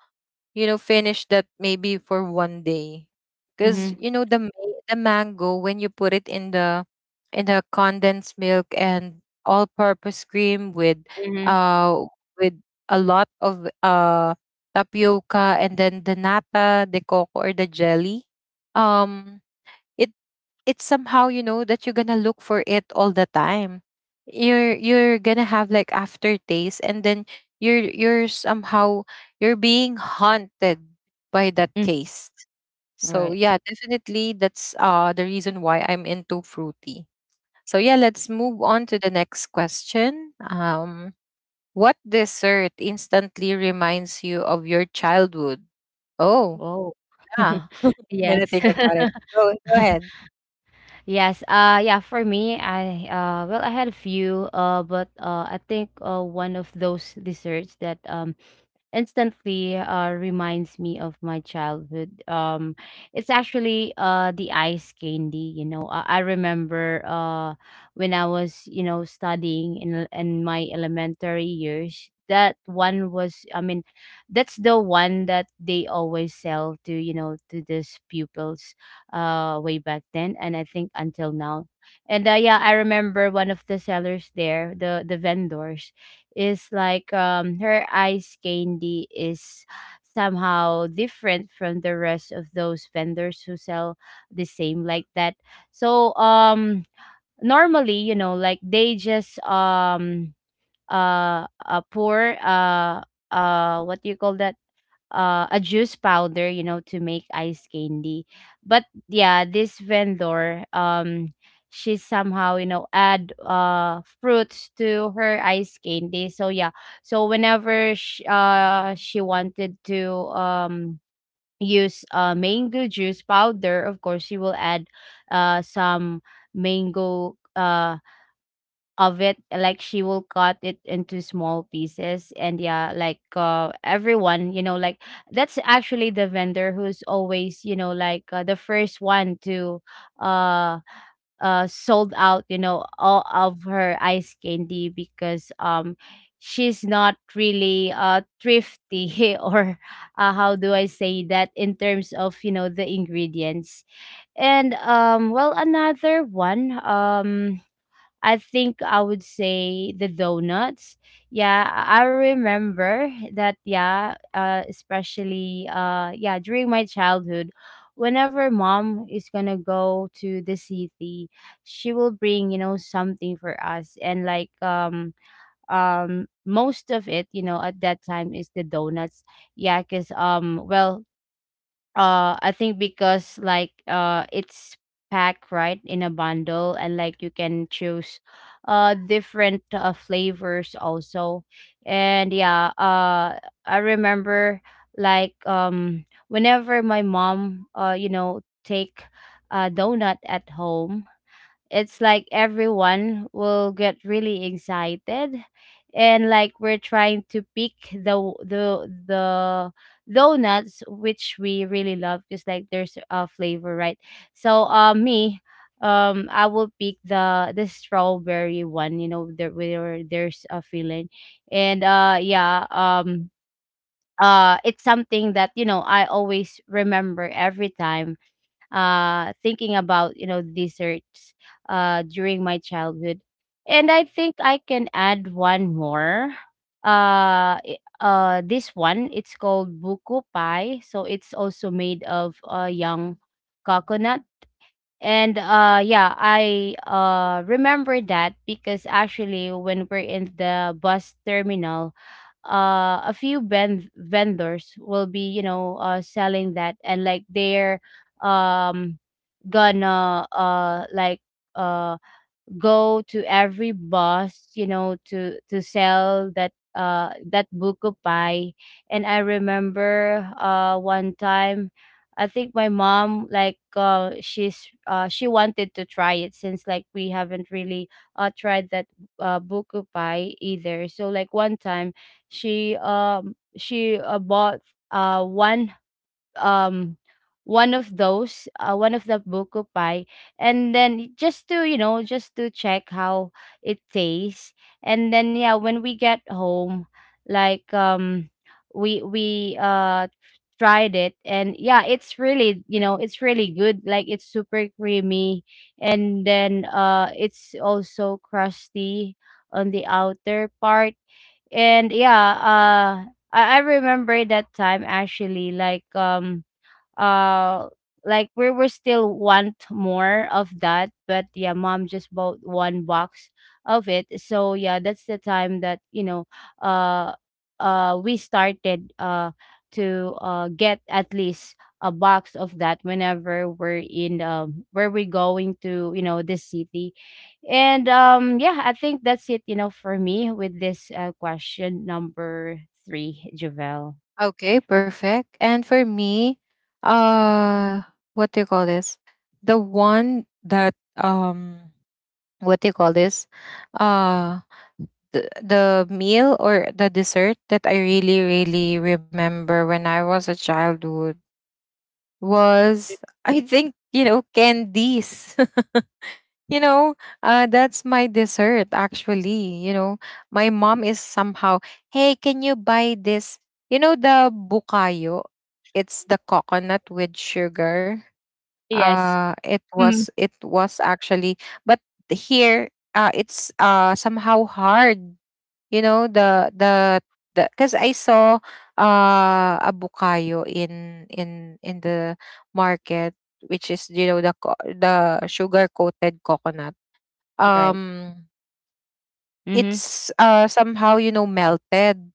you know, finish that maybe for one day. Because, Mm-hmm. you know, the ma- the mango, when you put it in the in the condensed milk and all purpose cream with Mm-hmm. uh with a lot of uh tapioca, and then the nata, the coco, or the jelly, um, it it's somehow, you know, that you're gonna look for it all the time. You're you're gonna have like aftertaste, and then you're you're somehow, you're being haunted by that Mm, taste. right. So yeah, definitely that's uh the reason why I'm into fruity. So yeah, let's move on to the next question. Um what dessert instantly reminds you of your childhood? Oh, Oh. yeah, [laughs] I'm Yes. gonna think [laughs] about. Yes. Uh yeah, for me, I, uh well, I had a few, uh but, uh I think, uh one of those desserts that, um instantly, uh, reminds me of my childhood. Um, it's actually, uh the ice candy. You know, I, I remember, uh when I was, you know studying in in my elementary years. That one was, I mean, that's the one that they always sell to you know to these pupils, uh, way back then, and I think until now. And, uh, yeah, I remember one of the sellers there, the the vendors is, like, um her ice candy is somehow different from the rest of those vendors who sell the same like that. So, um normally, you know like they just, um uh uh pour, uh uh what do you call that, uh, a juice powder, you know, to make ice candy. But yeah, this vendor, um, she somehow, you know add, uh fruits to her ice candy. So yeah, so whenever she, uh she wanted to, um use, uh mango juice powder, of course she will add, uh some mango, uh of it, like she will cut it into small pieces. And yeah, like, uh everyone, you know, like, that's actually the vendor who's always, you know, like, uh, the first one to, uh uh sold out, you know, all of her ice candy, because, um she's not really, uh thrifty [laughs] or, uh, how do I say that, in terms of, you know, the ingredients. And, um well, another one, um I think I would say the donuts. Yeah, I I remember that. Yeah, uh, especially, uh, yeah, during my childhood, whenever mom is gonna go to the city, she will bring, you know, something for us, and like, um um most of it, you know, at that time is the donuts. Yeah, cause, um well, uh I think, because like, uh it's packed right in a bundle, and like, you can choose, uh different, uh, flavors also. And yeah, uh I remember, like, um whenever my mom, uh you know, take a donut at home, it's like everyone will get really excited. And like we're trying to pick the the the donuts which we really love, just like there's a flavor, right? So, uh me, um I will pick the the strawberry one, you know, there where there's a filling. And uh yeah, um uh it's something that, you know, I always remember every time, uh, thinking about, you know, desserts, uh, during my childhood. And I think I can add one more. Uh, i- uh, this one, it's called buku pie, so it's also made of, uh, young coconut. And uh yeah, I uh remember that because actually when we're in the bus terminal, uh, a few ben- vendors will be, you know uh, selling that, and like they're um gonna uh like uh go to every boss, you know, to to sell that uh that buko pie. And I remember uh one time. I think my mom, like, uh she's uh she wanted to try it since, like, we haven't really uh tried that uh buko pie either. So, like, one time she um she uh, bought uh one um one of those uh, one of the bukupai, and then just to you know just to check how it tastes. And then, yeah, when we get home, like, um we we uh tried it. And yeah, it's really, you know it's really good, like, it's super creamy. And then uh it's also crusty on the outer part. And yeah, uh I, I remember that time actually, like, um uh like we were still want more of that, but yeah, mom just bought one box of it. So yeah, that's the time that, you know uh uh we started uh to uh get at least a box of that whenever we're in, um where we're going to, you know this city. And um yeah, I think that's it, you know for me with this uh, question number three, Javel. Okay, perfect. And for me, uh what do you call this? The one that um what do you call this? Uh the, the meal or the dessert that I really, really remember when I was a childhood was, I think, you know, candies. [laughs] You know, uh, that's my dessert actually. You know, my mom is somehow, hey, can you buy this? You know, the bukayo. It's the coconut with sugar. Yes. Uh, it Mhm. was it was actually, but here, uh, it's uh somehow hard. You know, the the the because I saw uh a bukayo in in in the market, which is, you know, the co- the sugar coated coconut. Right. um Mm-hmm. it's uh somehow, you know, melted,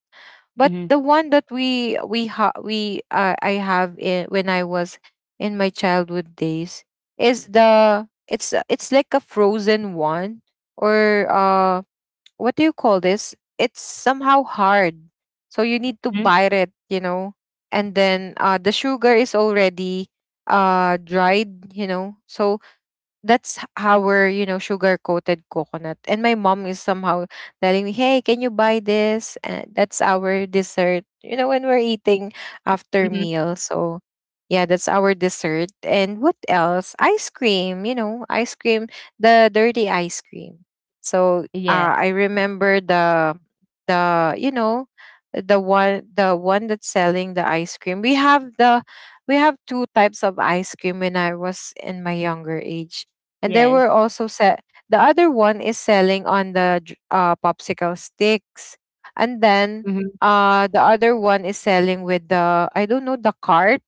but Mhm, the one that we we ha- we uh, I have in, when I was in my childhood days, is the it's a- it's like a frozen one, or uh what do you call this? It's somehow hard, so you need to mhm, bite it, you know. And then uh the sugar is already uh dried, you know, so that's h- our, you know, sugar-coated coconut. And my mom is somehow telling me, "Hey, can you buy this?" And that's our dessert, you know, when we're eating after mhm. meals. So yeah, that's our dessert. And what else? Ice cream, you know, ice cream, the dirty ice cream. So Yeah, uh, I remember the the you know, the one the one that's selling the ice cream. We have the we have two types of ice cream when I was in my younger age. And they yes. were also set, the other one is selling on the dr- uh, popsicle sticks. And then Mhm, uh the other one is selling with the, I don't know, the cart,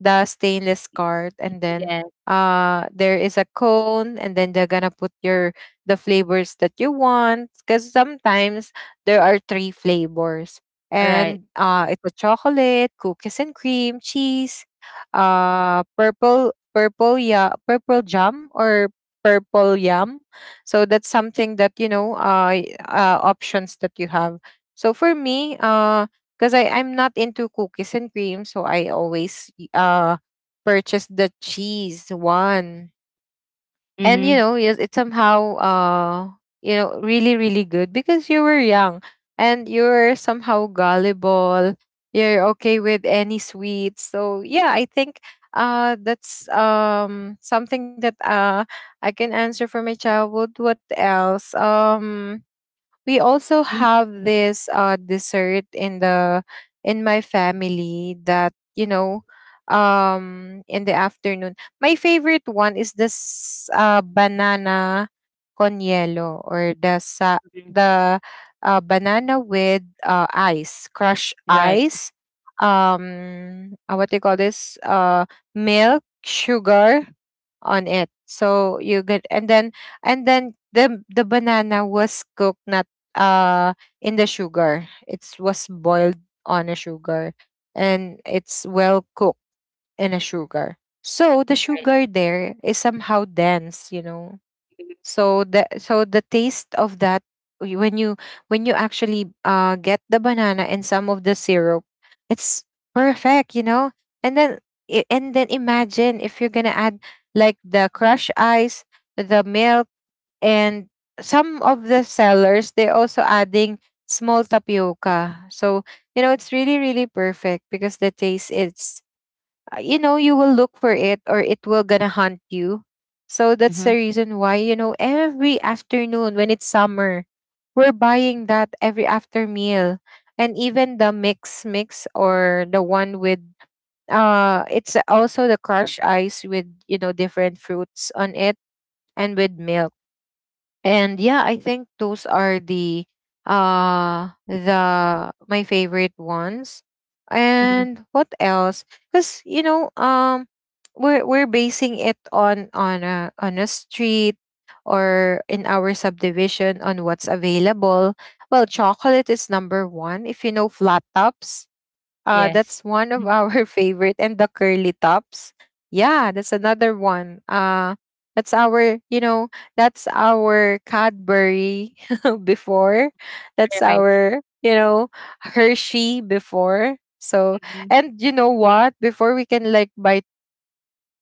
the stainless cart, and then yeah, uh there is a cone, and then they're gonna put your, the flavors that you want, because sometimes there are three flavors, right. and it was chocolate, cookies and cream, cheese, uh, purple purple, yeah, purple jam, or purple yam. So that's something that, you know, uh, y- uh options that you have. So for me, uh, because I I'm not into cookies and cream, so I always y- uh purchase the cheese one, and you Mhm, know, yes, it somehow, uh you know, really really good because you were young, and you're somehow gullible, you're okay with any sweets. So yeah, I think uh that's um something that uh I can answer for my childhood. What else? Um we also mhm, have this uh dessert in the in my family that, you know, um in the afternoon, my favorite one is this uh banana con hielo, or the sa- mhm. the uh, banana with uh ice crushed Right, ice, um uh, what do you call this? Uh milk, sugar on it. So you get, and then, and then the the banana was cooked, not uh in the sugar. It was boiled on a sugar, and it's well cooked in a sugar. So the right. sugar there is somehow dense, you know. So the so the taste of that, y- when you when you actually uh get the banana and some of the syrup, it's perfect, you know. And then, i- and then imagine if you're gonna add like the crushed ice, the milk, and some of the sellers, they're also adding small tapioca. So you know, it's really really perfect because the taste, it's uh, you know, you will look for it, or it will gonna hunt you. So Mhm, that's the mhm, reason why, you know, every afternoon when it's summer, we're buying that every after meal, and even the mix mix, or the one with, uh it's also the crushed ice with, you know, different fruits on it, and with milk. And yeah, I think those are the uh the my favorite ones. mhm. And what else? Because, you know, um, we're we're basing it on on a on a street, or in our subdivision on what's available. Well, chocolate is number one. If you know flat tops, uh, Yes. that's one of Mhm, our [laughs] favorite, and the curly tops. Yeah, that's another one. Uh, that's our, you know, that's our Cadbury [laughs] before. That's right. our, you know, Hershey before. So, Mhm, and you know what? Before we can like buy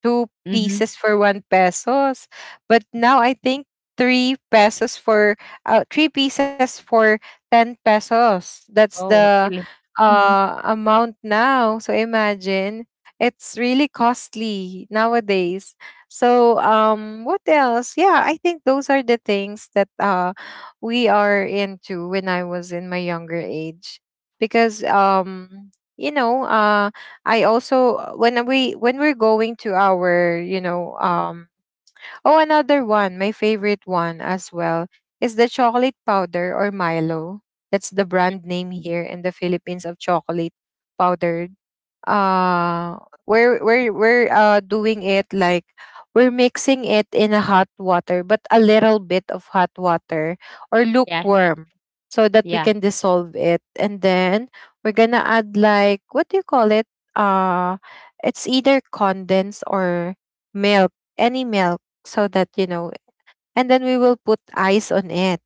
two mhm. pieces for one pesos. But now I think three pesos for uh, three pieces for ten pesos. That's Oh, the really? Mhm. uh amount now. So imagine, it's really costly nowadays. So um what else? Yeah, I think those are the things that uh we are into when I was in my younger age. Because um you know, uh I also uh, when we when we're going to our, you know, um oh, another one my favorite one as well is the chocolate powder or Milo. That's the brand name here in the Philippines of chocolate powder. uh we're we're we're uh doing it like, we're mixing it in a hot water, but a little bit of hot water or Yeah, lukewarm, so that we yeah. can dissolve of it, and then we're gonna add like what do you call it, uh it's either condensed or milk, any milk, so that, you know. And then we will put ice on it.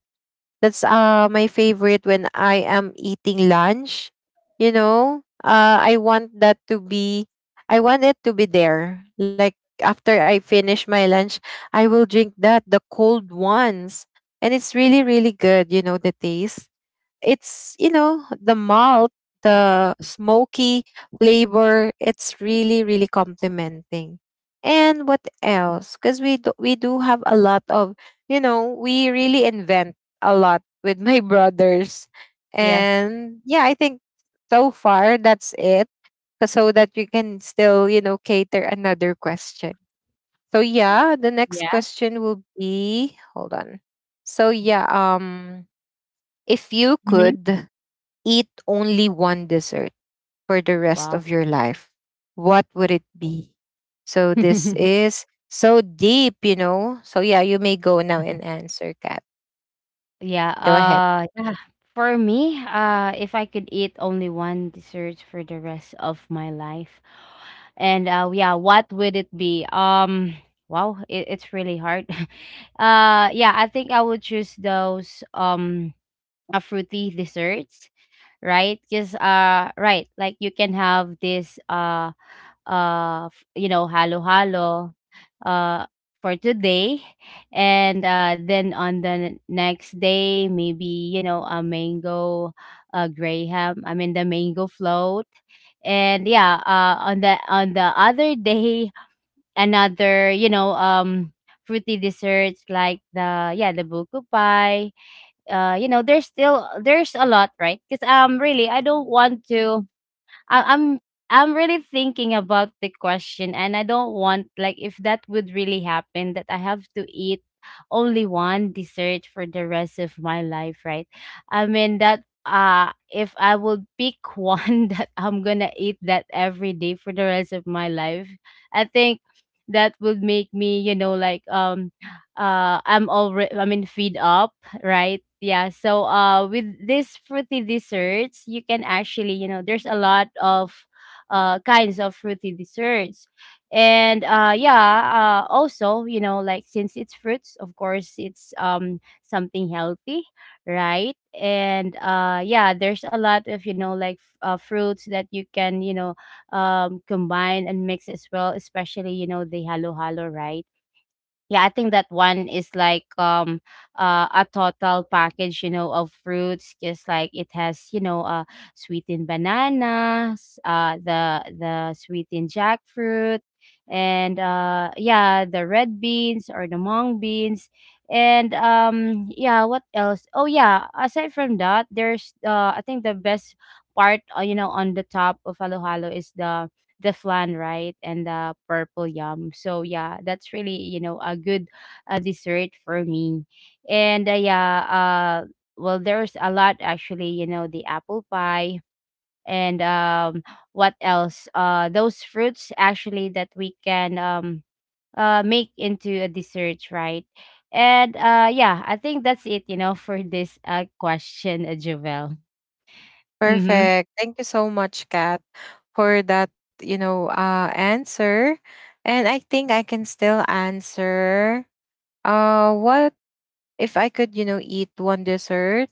That's uh my favorite when I am eating lunch. You know, uh i want that to be I want it to be there, like after I finish my lunch, I will drink that, the cold ones. And it's really really good, you know, the taste, it's, you know, the malt, the smoky flavor, it's really really complimenting. And what else, because we do, we do have a lot of, you know, we really invent a lot with my [laughs] brothers. Yes. And yeah, I think so far that's it, 'cause so that we can still, you know, cater another question. So yeah, the next Yes. question will be, hold on. So yeah, um if you Mhm. could eat only one dessert for the rest Wow. of your life, what would it be? So this [laughs] is so deep, you know. So yeah, you may go now and answer, Kat. Yeah, Go ahead. uh, yeah. For me, uh, if I could eat only one dessert for the rest of my life, and uh, yeah, what would it be? Um, wow, it, it's really hard. [laughs] Uh, yeah, I think I would choose those um uh, fruity desserts, right? Because, uh, right, like you can have this uh uh, f- you know, halo-halo uh, for today. And uh, then on the next day, maybe, you know, a mango uh, graham, I mean, the mango float. And yeah, uh, on the on the other day, [laughs] another, you know, um, fruity desserts like the yeah the buku pie. uh you know there's still, there's a lot, right? Because um really, I don't want to. I, I'm I'm really thinking about the question, and I don't want, like, if that would really happen, that I have to eat only one dessert for the rest of my life, right? I mean that, uh if I would pick [laughs] one that I'm gonna eat that every day for the rest of my life, I think that would make me, you know, like, um uh I'm already, I mean, feed up, right? Yeah. So, uh with these fruity desserts, you can actually, you know, there's a lot of uh kinds of fruity desserts. And uh yeah, uh also, you know, like since it's fruits, of course, it's um something healthy, right? And uh yeah, there's a lot of, you know, like f- uh, fruits that you can, you know, um combine and mix as well, especially, you know, the halo halo, right? Yeah, I think that one is like, um uh, a total package, you know of fruits. Just like it has, you know uh sweetened bananas, uh the the sweetened jackfruit, and uh yeah, the red beans or the mung beans. And um yeah, what else? Oh yeah, aside from that, there's uh I think the best part, uh, you know on the top of halo halo is the the flan, right? And the purple yum. So yeah, that's really, you know, a good uh, dessert for me. And uh, yeah, uh well, there's a lot actually, you know, the apple pie and, um what else? Uh those fruits actually that we can um uh make into a dessert, right? And uh yeah, I think that's it, you know, for this uh question, uh, Jovel. Mm-hmm. Perfect. Thank you so much, Kat, for that, you know, uh answer. And I think I can still answer uh what, if I could, you know, eat one dessert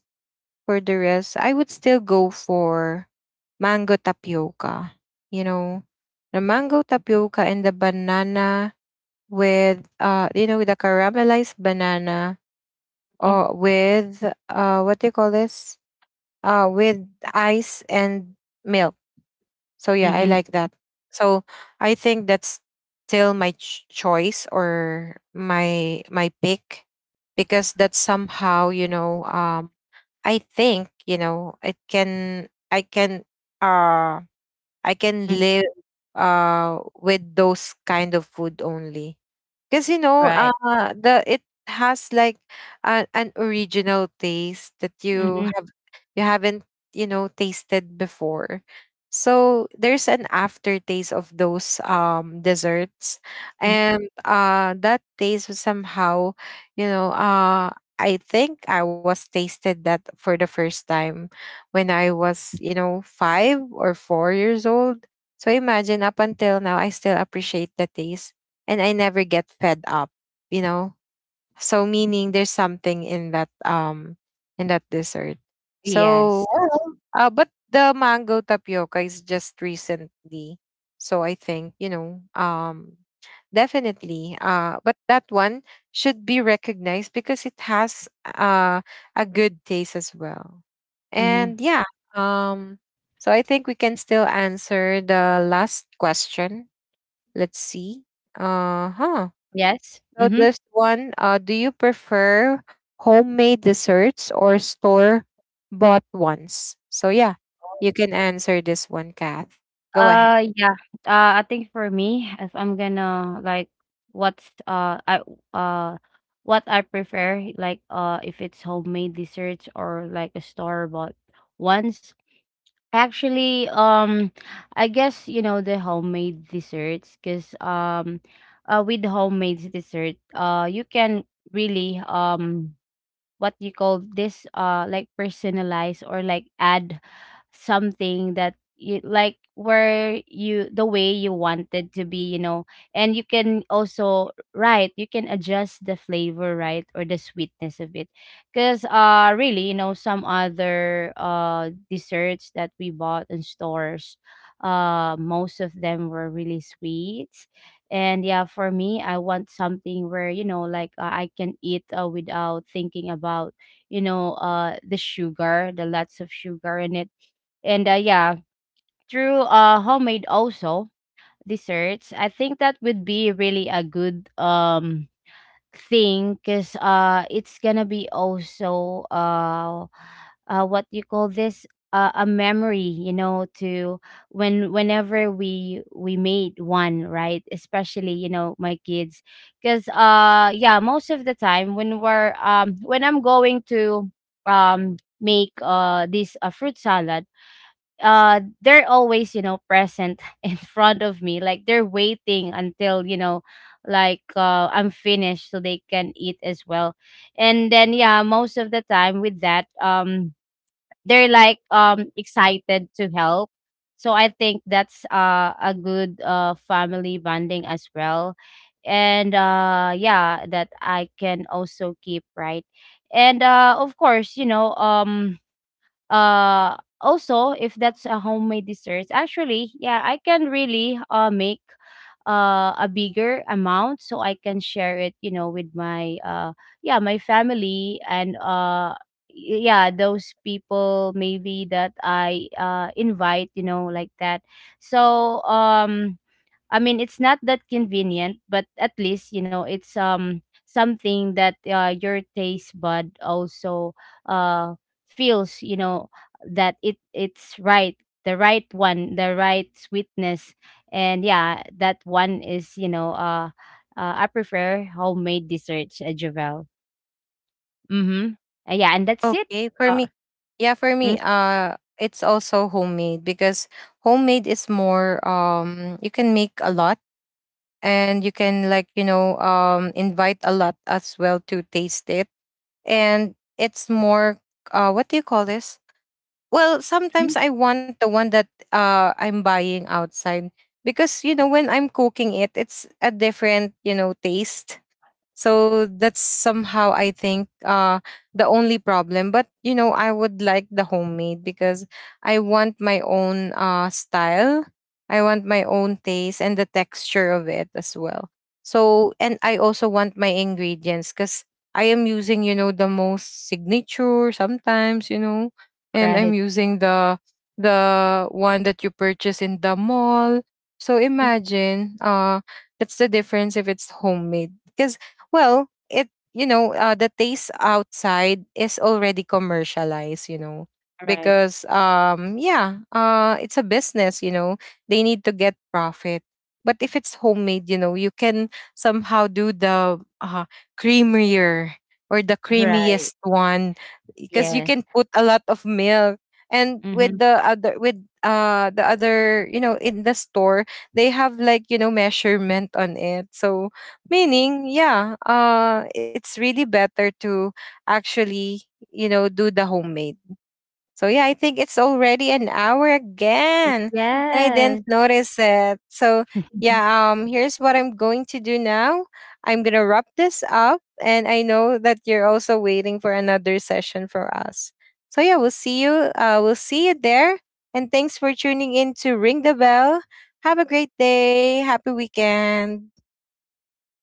for the rest, I would still go for mango tapioca. You know, the mango tapioca and the banana with uh you know, with the caramelized banana, Mm-hmm. or with uh what do you call this? Uh with ice and milk. So yeah, I Mm-hmm. like that. So I think that's still my ch- choice or my my pick, because that's somehow, you know, um I think, you know, it can I can uh I can Mm-hmm. live uh with those kind of food only. Because you know, Right. uh, the it has like a, an original taste that you Mm-hmm. have you haven't, you know, tasted before. So there's an aftertaste of those um desserts, Hmm. and uh, that taste was somehow, you know, uh, I think I was tasted that for the first time when I was, you know, five or four years old. So imagine, up until now, I still appreciate the taste, and I never get fed up, you know? So meaning, there's something in that um in that dessert. Yes. So uh but the mango tapioca is just recently. So I think, you know, um definitely uh but that one should be recognized because it has uh a good taste as well. Mm-hmm. And yeah, um so I think we can still answer the last question. Let's see. Uh huh. Yes, So mhm. this one, uh, do you prefer homemade desserts or store bought ones? So yeah, Oh. you can answer this one, Kath. Go ahead. Uh, yeah, uh, I think for me, if I'm gonna, like, what's, uh, I uh, what I prefer, like, uh, if it's homemade desserts or, like, a store-bought ones. Actually, um, I guess, you know, the homemade desserts. 'Cause um, uh, with homemade dessert, uh, you can really, um, what you call this, uh, like, personalize or, like, add something that you like, where you the way you wanted to be, you know and you can also, right, you can adjust the flavor, right, or the sweetness of it. Because uh really, you know some other uh desserts that we bought in stores, uh most of them were really sweet. And yeah, for me, I want something where, you know like, uh, I can eat, uh, without thinking about, you know uh the sugar, the lots of sugar in it. And uh, yeah, through uh homemade also desserts, I think that would be really a good um thing. Because uh it's gonna be also, uh uh what you call this, uh, a memory, you know to when whenever we we made one, right. Especially, you know my kids. Because uh yeah, most of the time when we're, um when I'm going to, um make, uh this a fruit salad, uh they're always, you know present [laughs] in front of me, like they're waiting until, you know like, uh I'm finished so they can eat as well. And then, yeah, most of the time with that, um they're like, um excited to help. So I think that's uh a good uh family bonding as well. And uh yeah, that I can also keep, right. And uh of course, you know um uh also, if that's a homemade dessert, actually, yeah, I can really uh make uh a bigger amount so I can share it, you know with my uh yeah my family, and uh y- yeah, those people maybe that I uh invite, you know like that. So, um I mean, it's not that convenient, but at least, you know it's um something that, uh, your taste bud also uh feels, you know that it it's right, the right one, the right sweetness. And yeah, that one is, you know uh, uh I prefer homemade desserts, uh, Javel. Mm-hmm. Uh, yeah, and that's it. Okay, for Uh, me, yeah, for me, uh, it's also homemade because homemade is more, um, you can make a lot, and you can like, you know, um, invite a lot as well to taste it. And it's more, uh, what do you call this? Well, mhm. sometimes I want the one that uh I'm buying outside, because you know, when I'm cooking it, it's a different, you know, taste. So that's somehow I think uh the only problem. But you know, I would like the homemade because I want my own uh style. I want my own taste and the texture of it as well. So, and I also want my ingredients, because I am using, you know, the most signature sometimes, you know, and I'm Right. using the the one that you purchase in the mall. So Mhm. imagine, uh that's the difference if it's homemade, because, well, it, you know, uh, the taste outside is already commercialized, you know, Right. because um yeah, uh it's a business, you know. They need to get profit. But if it's homemade, you know, you can somehow do the uh creamier or the creamiest Right. one, because you Yes. can put a lot of milk, and with Mm-hmm. the other, with uh the other, you know, in the store, they have like, you know, measurement on it, so. Meaning, yeah, uh, it's really better to actually, you know, do the homemade. So yeah, I think it's already an hour again. And I then Yes. said, so yeah, um, here's what I'm going to do now. I'm gonna wrap this up, and I know that you're also waiting for another session for us. So yeah, we'll see you. Uh, we'll see you there. And thanks for tuning in to Ring the Bell. Have a great day. Happy weekend.